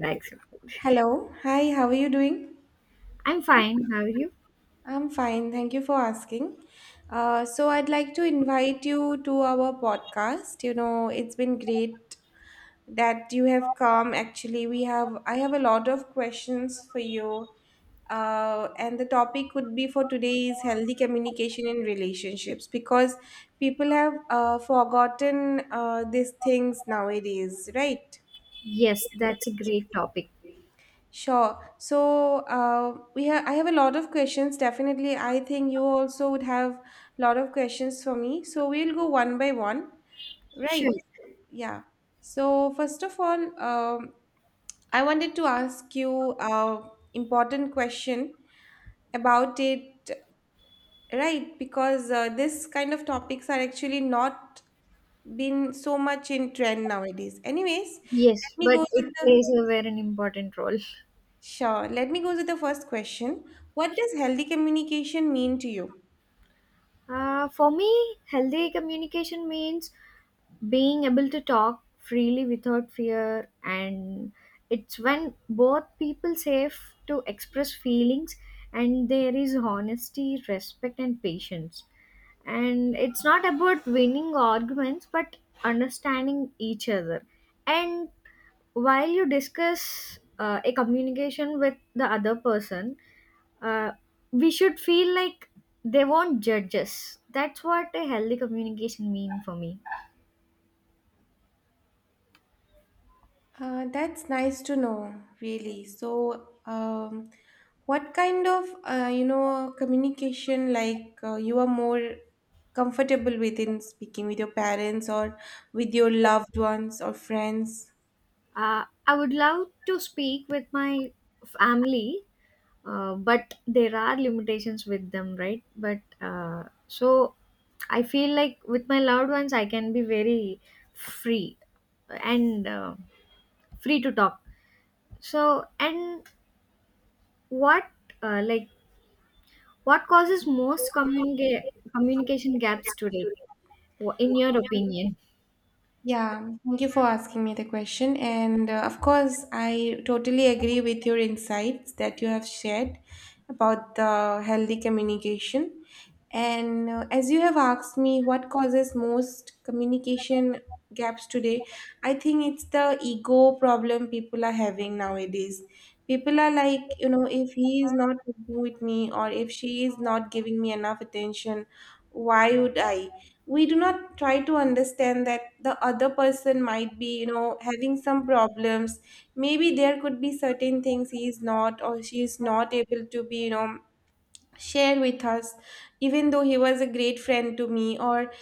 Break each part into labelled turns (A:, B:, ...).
A: Thanks.
B: Hello. Hi, how are you doing?
A: I'm fine. How are you?
B: I'm fine. Thank you for asking. I'd like to invite you to our podcast. You know, it's been great that you have come. Actually, I have a lot of questions for you. And the topic would be for today is healthy communication in relationships because people have forgotten these things nowadays, right?
A: Yes, that's a great topic.
B: Sure. So, we have I have a lot of questions. Definitely, I think you also would have a lot of questions for me. So we'll go one by one, right?
A: Sure.
B: Yeah. So first of all, I wanted to ask you a important question about it, right? Because this kind of topics are actually not been so much in trend nowadays. Anyways, let
A: Yes,
B: me
A: but
B: go
A: it
B: with the
A: plays a very important role.
B: Sure. Let me go to the first question. What does healthy communication mean to you?
A: For me, healthy communication means being able to talk freely without fear, and it's when both people safe to express feelings, and there is honesty, respect, and patience. And it's not about winning arguments but understanding each other. And while you discuss a communication with the other person, uh, we should feel like they won't judge us. That's what a healthy communication mean for me.
B: That's nice to know, really. So, what kind of you know communication like you are more comfortable with in speaking with your parents or with your loved ones or friends?
A: I would love to speak with my family, but there are limitations with them, right? But so I feel like with my loved ones I can be very free, and free to talk. So, and what, like, what causes most communication gaps today, in your opinion?
B: Yeah, thank you for asking me the question. And of course, I totally agree with your insights that you have shared about the healthy communication. And as you have asked me what causes most communication gaps today, I think it's the ego problem people are having nowadays. People are like, you know, if he is not with me or if she is not giving me enough attention, why would I? We do not try to understand that the other person might be, you know, having some problems. Maybe there could be certain things he is not or she is not able to be, you know, share with us, even though he was a great friend to me. Or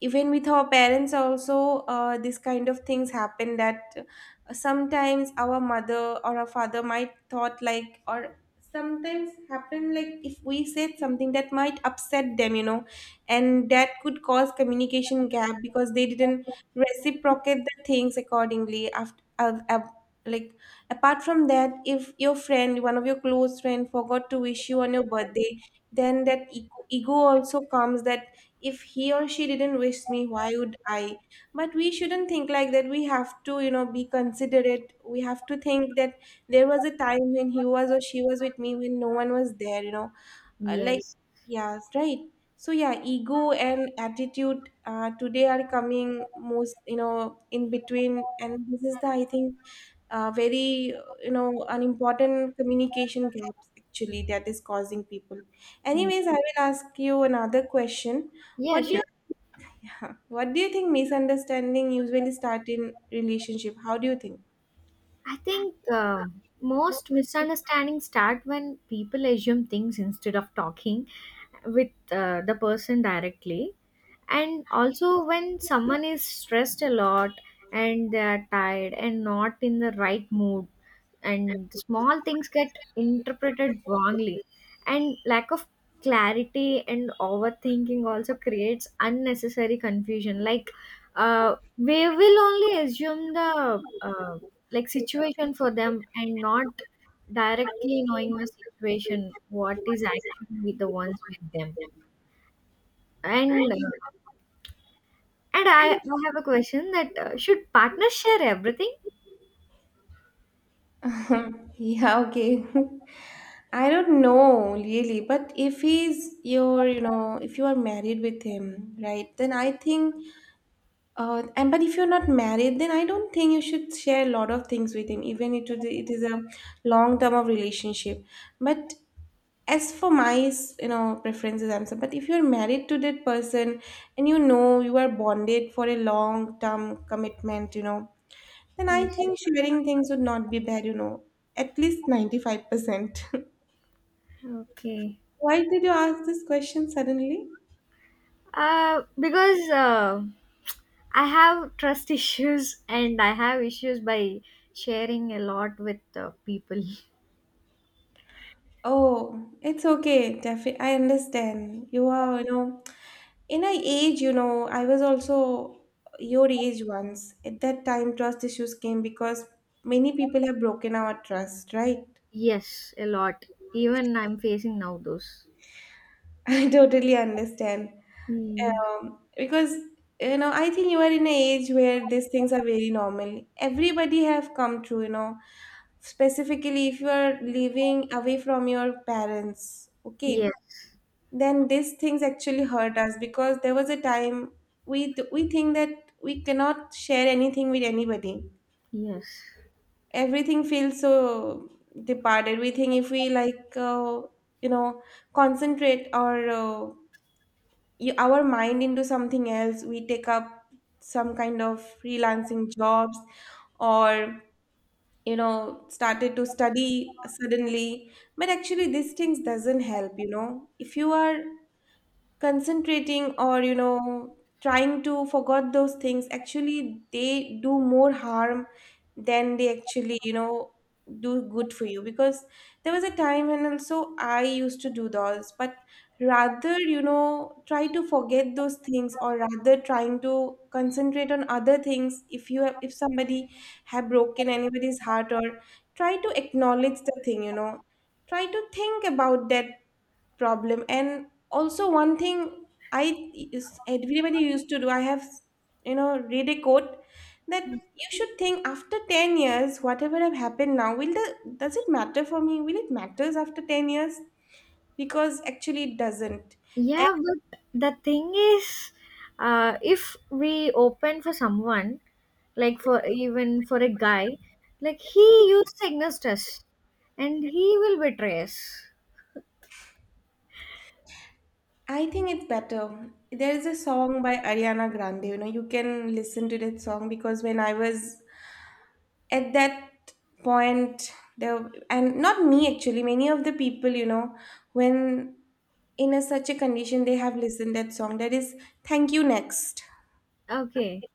B: even with our parents also, this kind of things happen that sometimes our mother or our father might thought like, or sometimes happen like if we said something that might upset them, you know, and that could cause communication gap because they didn't reciprocate the things accordingly after like apart from that, if your friend, one of your close friend, forgot to wish you on your birthday, then that ego also comes that if he or she didn't wish me, why would I? But we shouldn't think like that. We have to, you know, be considerate. We have to think that there was a time when he was or she was with me when no one was there, you know. uh, like
A: Yes.
B: yes, right. So yeah, ego and attitude today are coming most, you know, in between, and this is the I think very, you know, an important communication gaps actually that is causing people.
A: Mm.
B: Anyways, I will ask you another question.
A: Yeah,
B: What do
A: sure.
B: you what do you think misunderstanding usually start in relationship? How do you think?
A: I think most misunderstandings start when people assume things instead of talking with the person directly. And also, when someone is stressed a lot and they are tired and not in the right mood, and small things get interpreted wrongly, and lack of clarity and overthinking also creates unnecessary confusion. Like, we will only assume the like situation for them and not directly knowing the situation what is actually the ones with them. And uh, and i, I have a question that should partners share everything?
B: Yeah, okay. I don't know really, but if he's your, you know, if you are married with him, right, then I think, and but if you're not married, then I don't think you should share a lot of things with him, even if it is a long term of relationship. But as for my, you know, preferences, I'm sorry, but if you're married to that person and you know you are bonded for a long term commitment, you know, then I
A: Yes.
B: think sharing things would not be bad, you know, at least 95%.
A: Okay.
B: Why did you ask this question suddenly?
A: Because I have trust issues, and I have issues by sharing a lot with people.
B: Oh, it's okay, Defi. I understand. You are, you know, in a age, you know, I was also your age once. At that time, trust issues came because many people have broken our trust, right?
A: Yes, a lot. Even I'm facing now those.
B: I totally understand.
A: Hmm.
B: Because you know, I think you are in an age where these things are very normal. Everybody have come through, you know. Specifically, if you are living away from your parents, okay,
A: Yes,
B: then these things actually hurt us, because there was a time we think that we cannot share anything with anybody.
A: yes.
B: Everything feels so departed. We think if we like you know, concentrate our our mind into something else, we take up some kind of freelancing jobs, or, you know, started to study suddenly. But actually these things doesn't help, you know. If you are concentrating or, you know, trying to forget those things, actually they do more harm than they actually, you know, do good for you, because there was a time when also I used to do those. But rather, you know, try to forget those things, or rather trying to concentrate on other things. If you have, if somebody have broken anybody's heart, or try to acknowledge the thing, you know. Try to think about that problem. And also one thing I is- everybody used to do, I have, you know, read a quote that you should think after 10 years whatever have happened now will the does it matter for me, will it matters after 10 years, because actually it doesn't. And
A: Yeah, but the thing is, if we open for someone, like for even for a guy, like he used to against us, and he will betray us.
B: I think it's better. There is a song by Ariana Grande, you know, you can listen to that song. Because when I was at that point there, and not me, actually many of the people, you know, when in a such a condition, they have listened that song, that is Thank You Next.
A: Okay,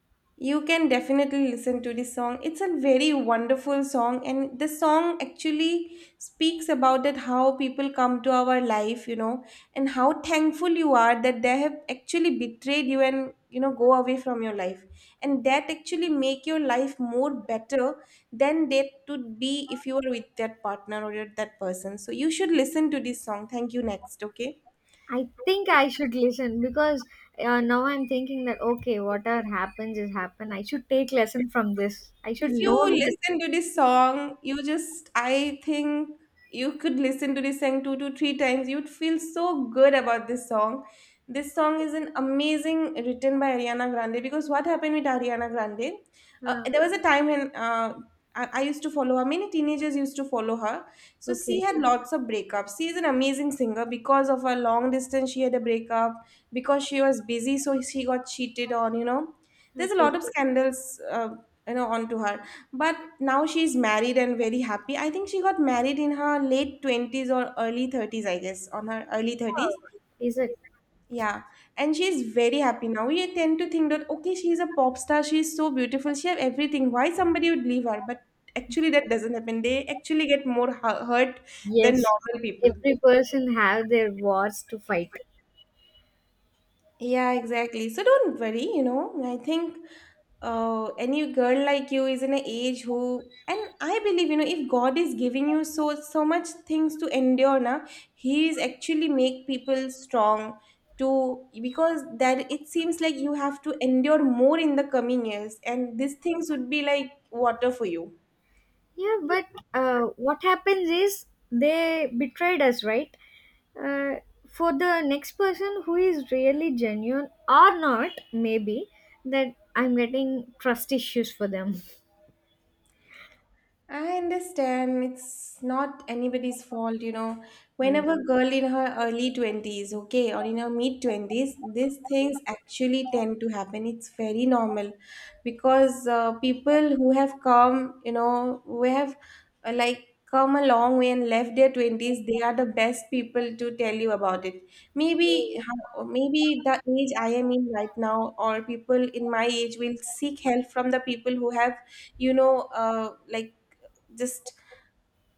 B: You can definitely listen to this song. It's a very wonderful song, and the song actually speaks about that how people come to our life, you know, and how thankful you are that they have actually betrayed you and, you know, go away from your life, and that actually make your life more better than that would be if you were with that partner or that person. So you should listen to this song, Thank You Next, okay.
A: I think I should listen because now I'm thinking that, okay, whatever happens is happen. I should take lesson from this. I should
B: If you
A: note that.
B: listen to this song, you just, I think you could listen to this song two to three times. You'd feel so good about this song. This song is an amazing written by Ariana Grande, because what happened with Ariana Grande?
A: Uh,
B: There was a time when I used to follow her, many teenagers used to follow her. So she
A: okay,
B: had lots of breakups. She is an amazing singer. Because of her long distance, she had a breakup because she was busy, so she got cheated on, you know. There's a
A: okay.
B: lot of scandals you know, onto her. But now she's married and very happy. I think she got married in her late 20s or early 30s, I guess on her early 30s.
A: Oh. Is it?
B: Yeah, and she's very happy now. We tend to think that okay, she's a pop star, she's so beautiful, she have everything, why somebody would leave her. But actually that doesn't happen. They actually get more hurt than
A: Yes?
B: normal people.
A: Every person have their wars to fight.
B: Yeah, exactly. So don't worry, you know. I think oh, any girl like you is in an age who, and I believe, you know, if God is giving you so so much things to endure, now He is actually make people strong to, because that it seems like you have to endure more in the coming years, and these things would be like water for you.
A: Yeah, but what happens is they betrayed us, right? Uh, for the next person who is really genuine or not, maybe that I'm getting trust issues for them.
B: I understand it's not anybody's fault, you know.
A: Yeah.
B: Whenever girl in her early 20s, okay, or in her mid 20s, these things actually tend to happen. It's very normal, because people who have come, you know, who have uh, like come a long way and left their 20s, they are the best people to tell you about it. Maybe, maybe the age I am in right now, or people in my age will seek help from the people who have, you know, like just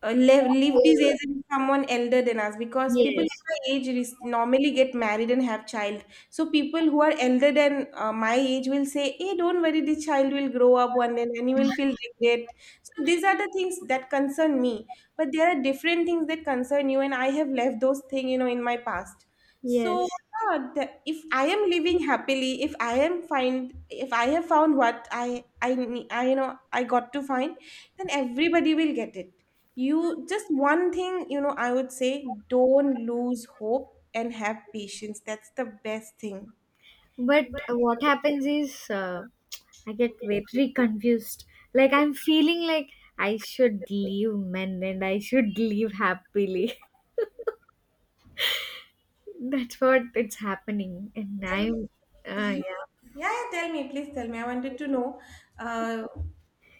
B: live this age with someone elder than us, because people in
A: Yes.
B: my age is- normally get married and have child. So people who are elder than my age will say hey, don't worry, this child will grow up one day, and you will feel regret. So these are the things that concern me. But there are different things that concern you, and I have left those things, you know, in my past. So
A: Yes.
B: yeah. If I am living happily, if I am find, if I have found what I you know, I got to find, then everybody will get it. You just one thing, you know, I would say don't lose hope and have patience. That's the best thing.
A: But what happens is, I get very confused. Like, I'm feeling like I should leave men and I should leave happily. That's what it's happening, and
B: And
A: I'm.
B: yeah,
A: Yeah.
B: yeah, tell me, please tell me. I wanted to know. Uh,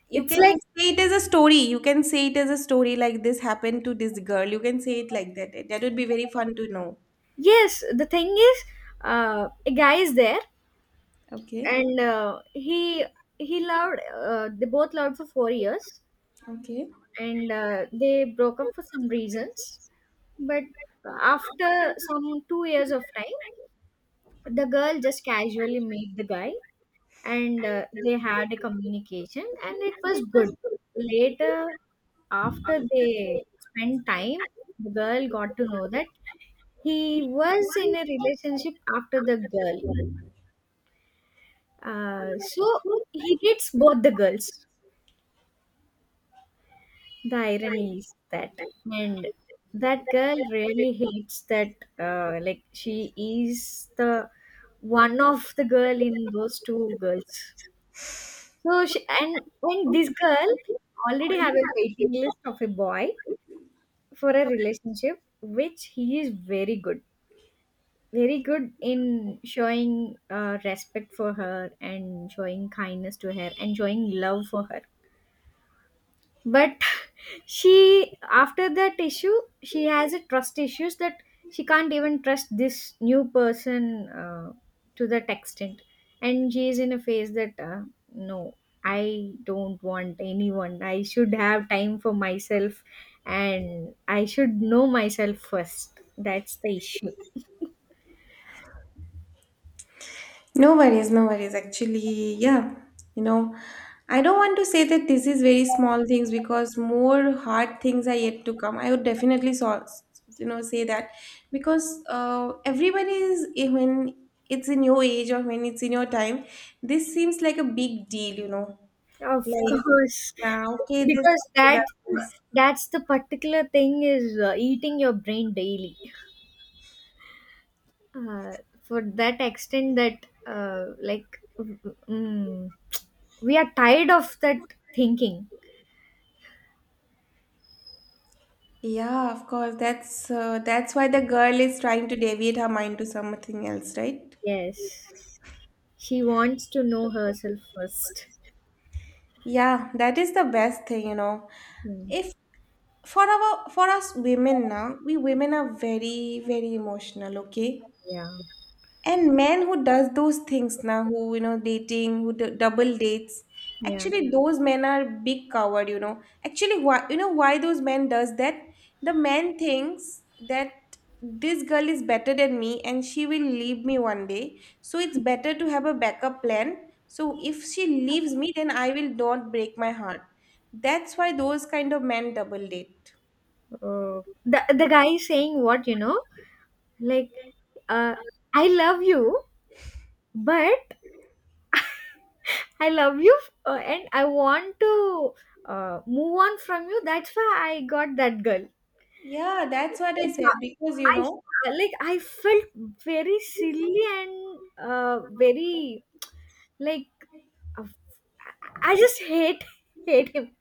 B: you
A: It's
B: can
A: like.
B: say it as a story. You can say it as a story like this happened to this girl. You can say it like that. That would be very fun to know.
A: Yes, the thing is, a guy is there,
B: Okay.
A: and he loved. They both loved for 4 years,
B: Okay.
A: and they broke up for some reasons. But after some 2 years of time, the girl just casually met the guy, and they had a communication, and it was good. Later, after they spent time, the girl got to know that he was in a relationship after the girl. So he dates both the girls. The irony is that, and that girl really hates that. Like, she is the one of the girl in those two girls. So she and this girl already have a waiting list of a boy for a relationship, which he is very good, very good in showing respect for her and showing kindness to her and showing love for her. But she, after that issue, she has a trust issues that she can't even trust this new person to that extent. And she is in a phase that, no, I don't want anyone. I should have time for myself, and I should know myself first. That's the issue.
B: No worries, no worries. Actually, yeah, you know, I don't want to say that this is very small things because more hard things are yet to come. I would definitely say that because everybody is when it's in your age or when it's in your time, this seems like a big deal, you know.
A: Of
B: Like,
A: course.
B: yeah, okay, this.
A: Because that's the particular thing is, eating your brain daily, uh, for that extent that, like, we are tired of that thinking.
B: Yeah, of course. That's why the girl is trying to deviate her mind to something else, right?
A: Yes, she wants to know herself first.
B: Yeah, that is the best thing, you know.
A: Hmm.
B: If for us women now, we women are very, very emotional, okay?
A: Yeah,
B: And men who does those things now, who dating, who double dates,
A: yeah.
B: actually those men are big coward. You know, actually, why why those men does that? The man thinks that this girl is better than me and she will leave me one day, so it's better to have a backup plan. So if she leaves me, then I will not break my heart. That's why those kind of men double date.
A: The guy is saying what, like, uh, I love you, but I love you, and I want to move on from you, that's why I got that girl.
B: Yeah, that's what I
A: It's
B: said
A: not-
B: because
A: I, like, I felt very silly, and very, like, uh, I just hate him.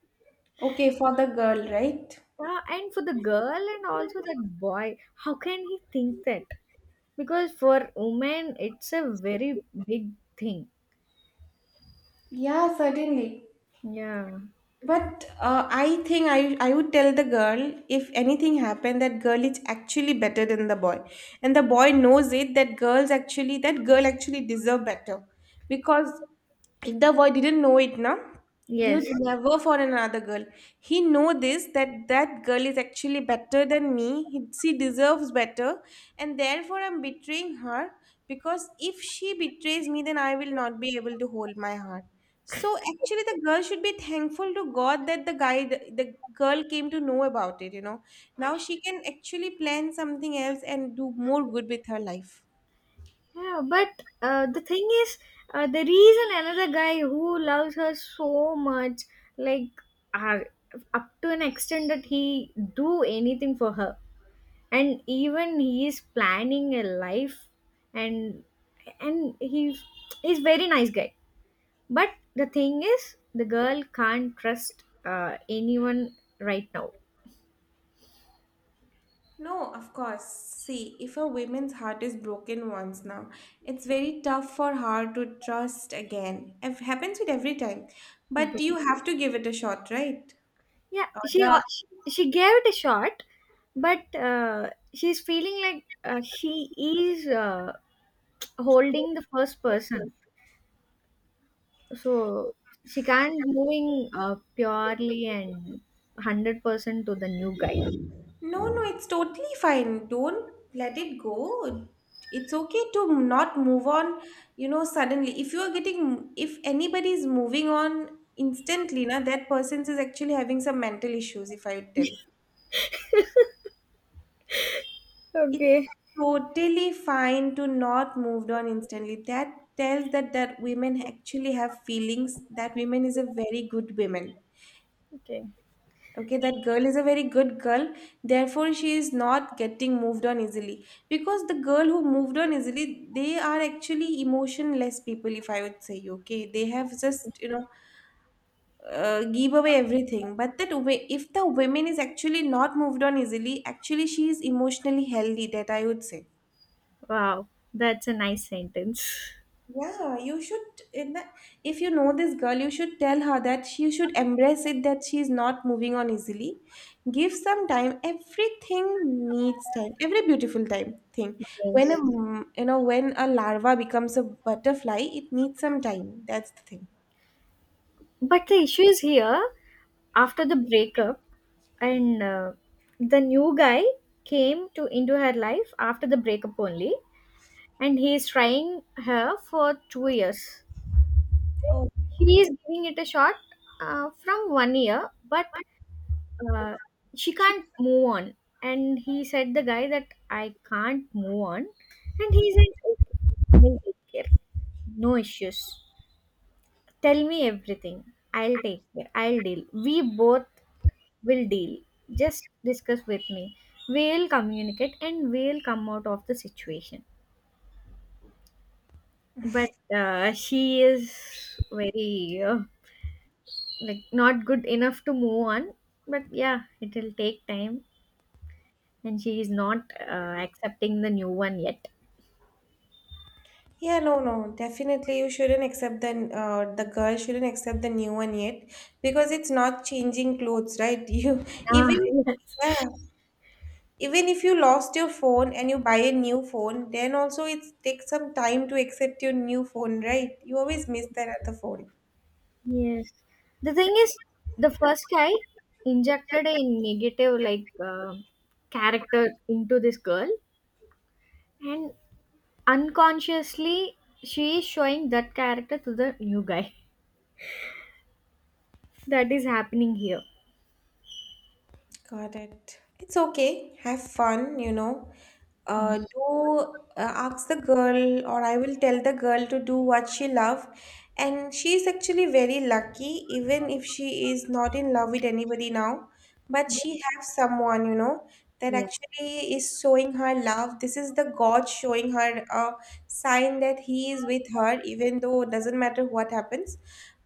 B: okay, for the girl, right?
A: And for the girl and also that boy, how can he think that? Because for women, it's a very big thing.
B: Yeah, certainly.
A: Yeah.
B: But I think I would tell the girl if anything happened that girl is actually better than the boy, and the boy knows it that girl actually deserve better, because if the boy didn't know it now, he
A: Yes.
B: would Yeah. never for another girl. He know this that that girl is actually better than me. She deserves better, and therefore I'm betraying her because if she betrays me, then I will not be able to hold my heart. So actually, the girl should be thankful to God that the girl came to know about it, you know. Now she can actually plan something else and do more good with her life.
A: Yeah, but the thing is, there is another guy who loves her so much, like uh, up to an extent that he do anything for her, and even he is planning a life, and and he's very nice guy. But the thing is, the girl can't trust anyone right now.
B: No, of course. See, if a woman's heart is broken once now, it's very tough for her to trust again. It happens with every time. But you have to give it a shot, right?
A: Yeah,
B: Or the
A: she gave it a shot, but she's feeling like she is holding the first person, so she can't moving purely and 100% to the new guy.
B: No, no, it's totally fine. Don't let it go. It's okay to not move on, you know, suddenly. If you're getting, if anybody is moving on instantly, na, that person is actually having some mental issues, if I tell. It's
A: Okay.
B: totally fine to not move on instantly. That tells that that women actually have feelings, that women is a very good woman.
A: Okay.
B: Okay, that girl is a very good girl, therefore she is not getting moved on easily, because the girl who moved on easily, they are actually emotionless people, if I would say. Okay, they have just give away everything. But that way, if the woman is actually not moved on easily, actually she is emotionally healthy, that I would say.
A: Wow, that's a nice sentence.
B: Yeah, you should in that if you know this girl, you should tell her that she should embrace it that she is not moving on easily. Give some time. Everything needs time. Every beautiful time thing. When a
A: Yes.
B: you know, when a larva becomes a butterfly, it needs some time. That's the thing.
A: But the issue is here: after the breakup, and the new guy came to into her life after the breakup only. And he is trying her for 2 years.
B: Oh,
A: She is giving it a shot from 1 year, but uh, she can't move on. And he said the guy that I can't move on, and he said, "Okay, I'll take care. No issues. Tell me everything. I'll take care. I'll deal. We both will deal. Just discuss with me. We'll communicate and we'll come out of the situation." But she is very like not good enough to move on, but yeah, it will take time, and she is not accepting the new one yet.
B: yeah, no, no, definitely you shouldn't accept the girl shouldn't accept the new one yet because it's not changing clothes, right? You
A: Ah,
B: even yeah.
A: yes.
B: Even if you lost your phone and you buy a new phone, then also it takes some time to accept your new phone, right? You always miss that other phone.
A: Yes, the thing is, the first guy injected a negative, like, character into this girl, and unconsciously she is showing that character to the new guy. That is happening here.
B: Got it. It's okay. Have fun, you know.
A: Mm.
B: Do ask the girl, or I will tell the girl to do what she love. And she is actually very lucky, even if she is not in love with anybody now. But she has someone, you know, that
A: Yeah.
B: actually is showing her love. This is the God showing her a sign that He is with her, even though it doesn't matter what happens.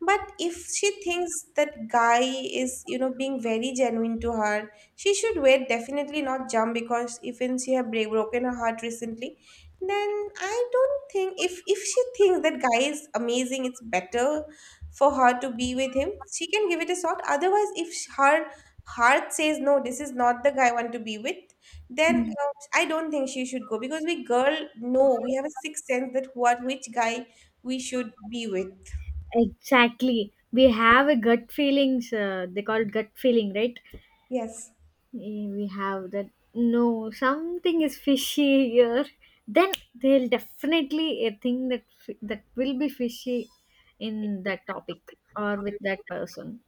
B: But if she thinks that guy is, you know, being very genuine to her, she should wait, definitely not jump, because if and she have broken her heart recently, then I don't think, if she thinks that guy is amazing, it's better for her to be with him. She can give it a shot. Otherwise, if her heart says no, this is not the guy I want to be with, then
A: Mm.
B: I don't think she should go because we girl know we have a sixth sense that what which guy we should be with.
A: Exactly, we have a gut feelings, they call it gut feeling, right?
B: Yes.
A: Eh, we have that, no, something is fishy here, then they'll definitely a thing that that will be fishy in that topic or with that person.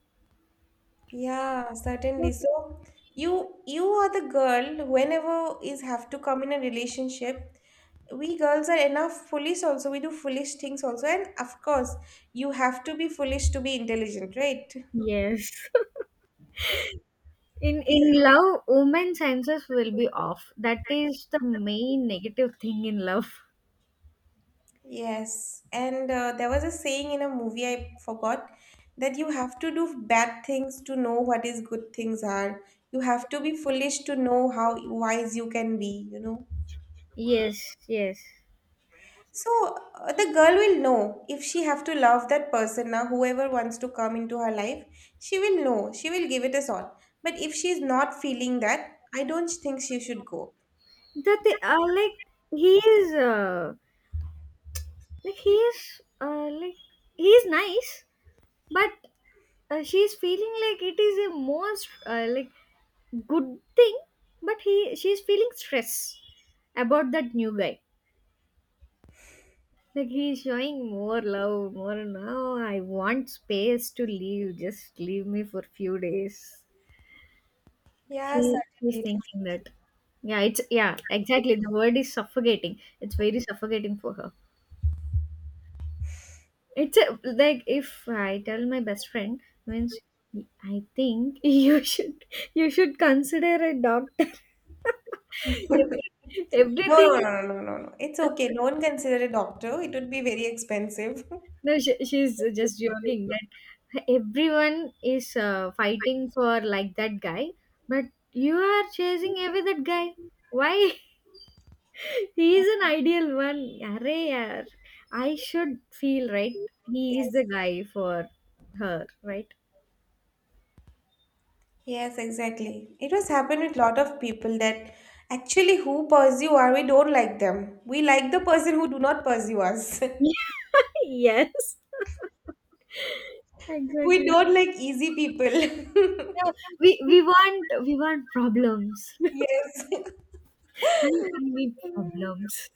B: Yeah, certainly. So you are the girl whenever is have to come in a relationship. We girls are enough foolish also. We do foolish things also. And of course, you have to be foolish to be intelligent, right?
A: Yes. In love, women senses will be off. That is the main negative thing in love.
B: Yes, and there was a saying in a movie I forgot that you have to do bad things to know what is good things are. You have to be foolish to know how wise you can be, you know.
A: Yes, yes.
B: So the girl will know if she have to love that person now, whoever wants to come into her life, she will know. She will give it a shot. But if she is not feeling that, I don't think she should go.
A: That, they are like, he is, like he is uh, like he is nice, but she's feeling like it is a most like good thing, but he she's feeling stress about that new guy. Like, he's showing more love more. Now I want space to leave, just leave me for few days.
B: Yeah,
A: She's
B: certainly.
A: thinking that, yeah, it's, yeah, exactly the word is suffocating, it's very suffocating for her. It's a, like, if I tell my best friend means, I think, you should consider a doctor.
B: No,
A: Everything.
B: no, no, no, no, no, no. It's okay. Don't consider a doctor. It would be very expensive.
A: No, she's just joking that everyone is fighting for, like, that guy, but you are chasing away that guy, why? He is an ideal one. Array, yaar. I should feel right, he is the
B: Yes.
A: guy for her, right?
B: Yes, exactly. It was happened with lot of people that actually who pursue are we don't like them. We like the person who do not pursue us.
A: Yes,
B: We
A: exactly.
B: don't like easy people.
A: Yeah, we want, problems.
B: Yes.
A: I need problems.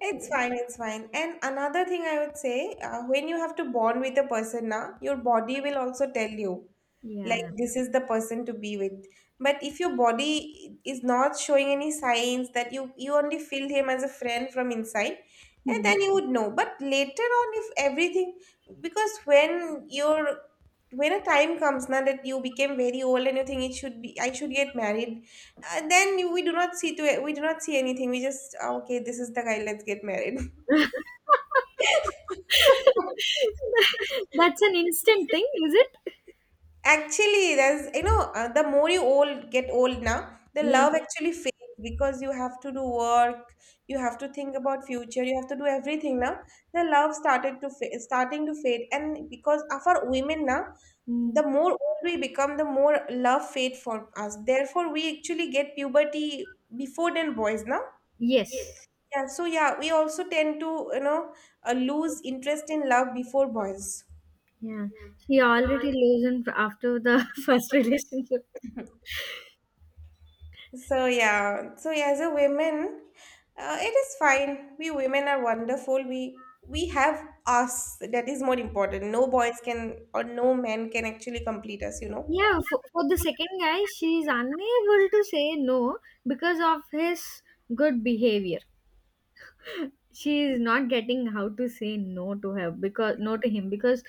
B: It's fine, it's fine. And another thing I would say, when you have to bond with a person now, your body will also tell you, like,
A: Yeah.
B: this is the person to be with. But if your body is not showing any signs that you only feel him as a friend from inside, and
A: Hmm.
B: then you would know. But later on, if everything, because when you're when a time comes now that you became very old and you think it should be I should get married, then we do not see to it. We do not see anything. We just, "Oh, okay. This is the guy. Let's get married."
A: That's an instant thing, is it?
B: Actually, there's the more you old get old now, the
A: Yes.
B: love actually fades because you have to do work, you have to think about future, you have to do everything now. The love starting to fade, and because of our women now,
A: Mm.
B: the more old we become, the more love fade for us. Therefore, we actually get puberty before than boys now.
A: Yes.
B: Yeah, so yeah, we also tend to, you know, lose interest in love before boys.
A: Yeah. She already leaves in after the first relationship.
B: So yeah, so yeah, as a women, it is fine. We women are wonderful. We have us. That is more important. No boys can or no men can actually complete us. You know.
A: Yeah, for the second guy, she's unable to say no because of his good behavior. She is not getting how to say no to her, because no to him, because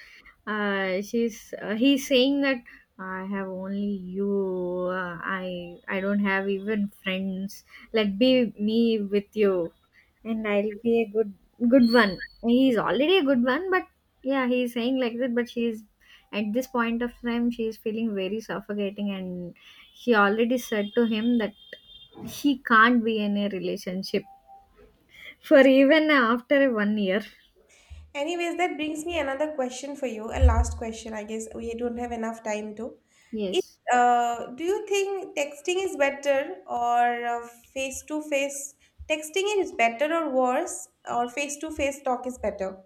A: she's he's saying that, "I have only you. I don't have even friends. Let be me with you, and I'll be a good one." He's already a good one, but yeah, he's saying like that. But she's at this point of time, she is feeling very suffocating, and she already said to him that she can't be in a relationship for even after 1 year.
B: Anyways, that brings me another question for you, a last question. I guess we don't have enough time to. Is,
A: Yes.
B: do you think texting is better or face to face? Texting is better or worse, or face to face talk is better?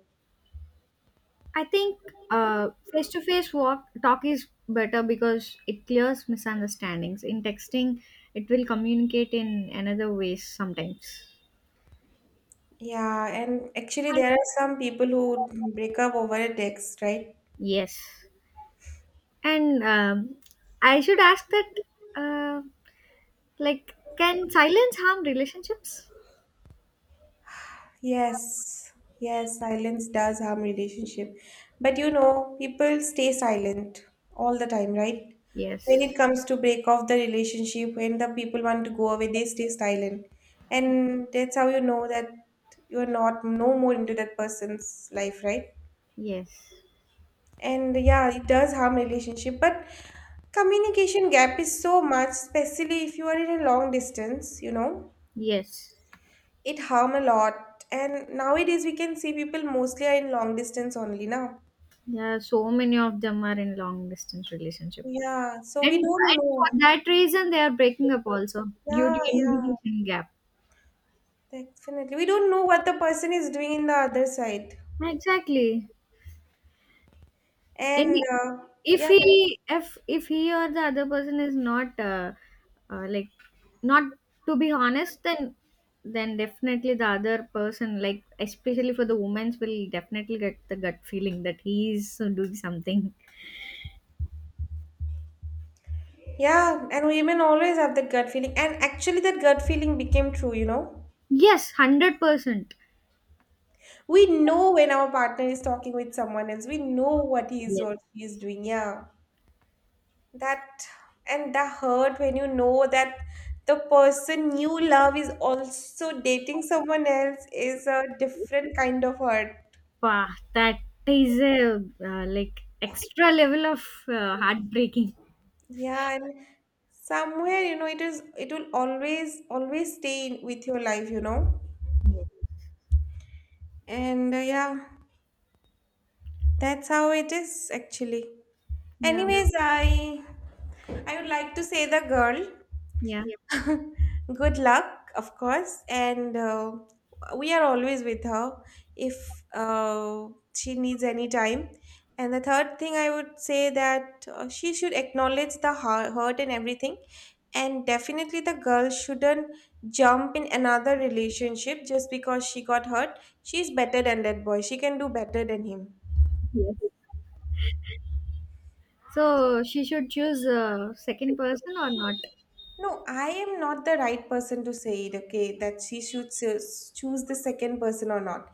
A: I think face-to-face walk talk is better because it clears misunderstandings. In texting, it will communicate in another ways sometimes.
B: Yeah, and actually,
A: And-
B: there are some people who break up over a text, right?
A: yes, and I should ask that, uh, like, can silence harm relationships?
B: Yes, yes, silence does harm relationship. But you know, people stay silent all the time, right? When
A: Yes,
B: it comes to break off the relationship, when the people want to go away, they stay silent. And that's how you know that you're not no more into that person's life, right?
A: yes,
B: And yeah, it does harm relationship, but communication gap is so much, especially if you are in a long distance, you know.
A: yes.
B: It harm a lot. And nowadays we can see people mostly are in long distance only now.
A: There are so many of them are in long distance relationships.
B: Yeah, so
A: And,
B: we
A: and
B: don't
A: for
B: know.
A: that reason, they are breaking up also due
B: Yeah,
A: to
B: yeah,
A: communication gap.
B: definitely. We don't know what the person is doing in the other side.
A: Exactly. And
B: And
A: if
B: yeah,
A: he, if if he or the other person is not, like, not to be honest, then definitely the other person, like especially for the women's, will definitely get the gut feeling that he is doing something.
B: yeah, and women always have that gut feeling. And actually, that gut feeling became true, you know.
A: Yes, 100%.
B: We know when our partner is talking with someone else, we know what he is
A: Yes.
B: or she is doing. Yeah. That and the hurt when you know that the person you love is also dating someone else is a different kind of hurt.
A: Wow, that is a like extra level of heartbreaking.
B: Yeah, and somewhere you know it is, it will always, always stay in, with your life, you know.
A: Yeah.
B: And yeah, that's how it is actually. Yeah.
A: Yeah.
B: Anyways, I would like to say the girl
A: Yeah.
B: good luck, of course, and we are always with her if she needs any time. And the third thing I would say that she should acknowledge the hurt and everything, and definitely the girl shouldn't jump in another relationship just because she got hurt. She's better than that boy. She can do better than him.
A: Yes. So she should choose a second person or not?
B: No, I am not the right person to say it, okay, that she should choose the second person or not.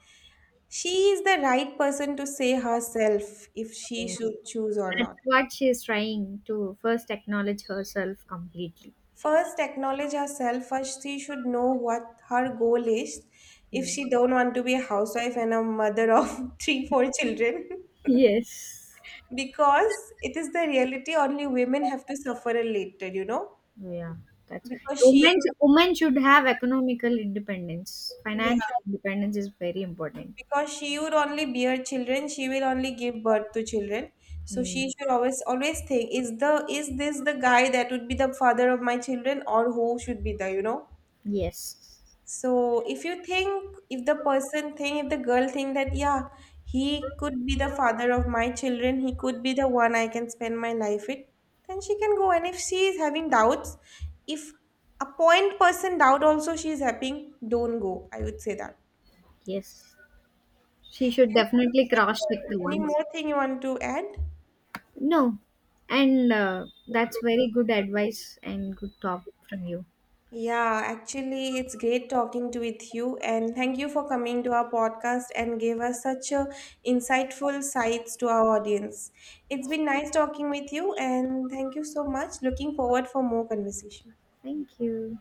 B: She is the right person to say herself if she
A: Yes.
B: should choose or
A: That's
B: not.
A: what she's trying to first acknowledge herself completely.
B: First, acknowledge herself. First, she should know what her goal is. If
A: Yeah.
B: she don't want to be a housewife and a mother of three, four children,
A: Yes.
B: because it is the reality only women have to suffer a later, you know,
A: Yeah. That's
B: because she,
A: Women should have economical independence. Financial independence is very important.
B: because she would only bear children, she will only give birth to children. So
A: Mm.
B: she should always, always think, is the, is this the guy that would be the father of my children, or who should be the, you know.
A: Yes.
B: So if you think, if the girl think that, yeah, he could be the father of my children, he could be the one I can spend my life with, then she can go. And if she is having doubts, if a point person doubt also she is having, don't go, I would say that.
A: Yes. She should definitely cross check the
B: Any
A: ones.
B: more thing you want to add?
A: No. And that's very good advice and good talk from you.
B: Yeah, actually, it's great talking to with you, and thank you for coming to our podcast and gave us such a insightful sights to our audience. It's been nice talking with you, and thank you so much. Looking forward for more conversation.
A: Thank you.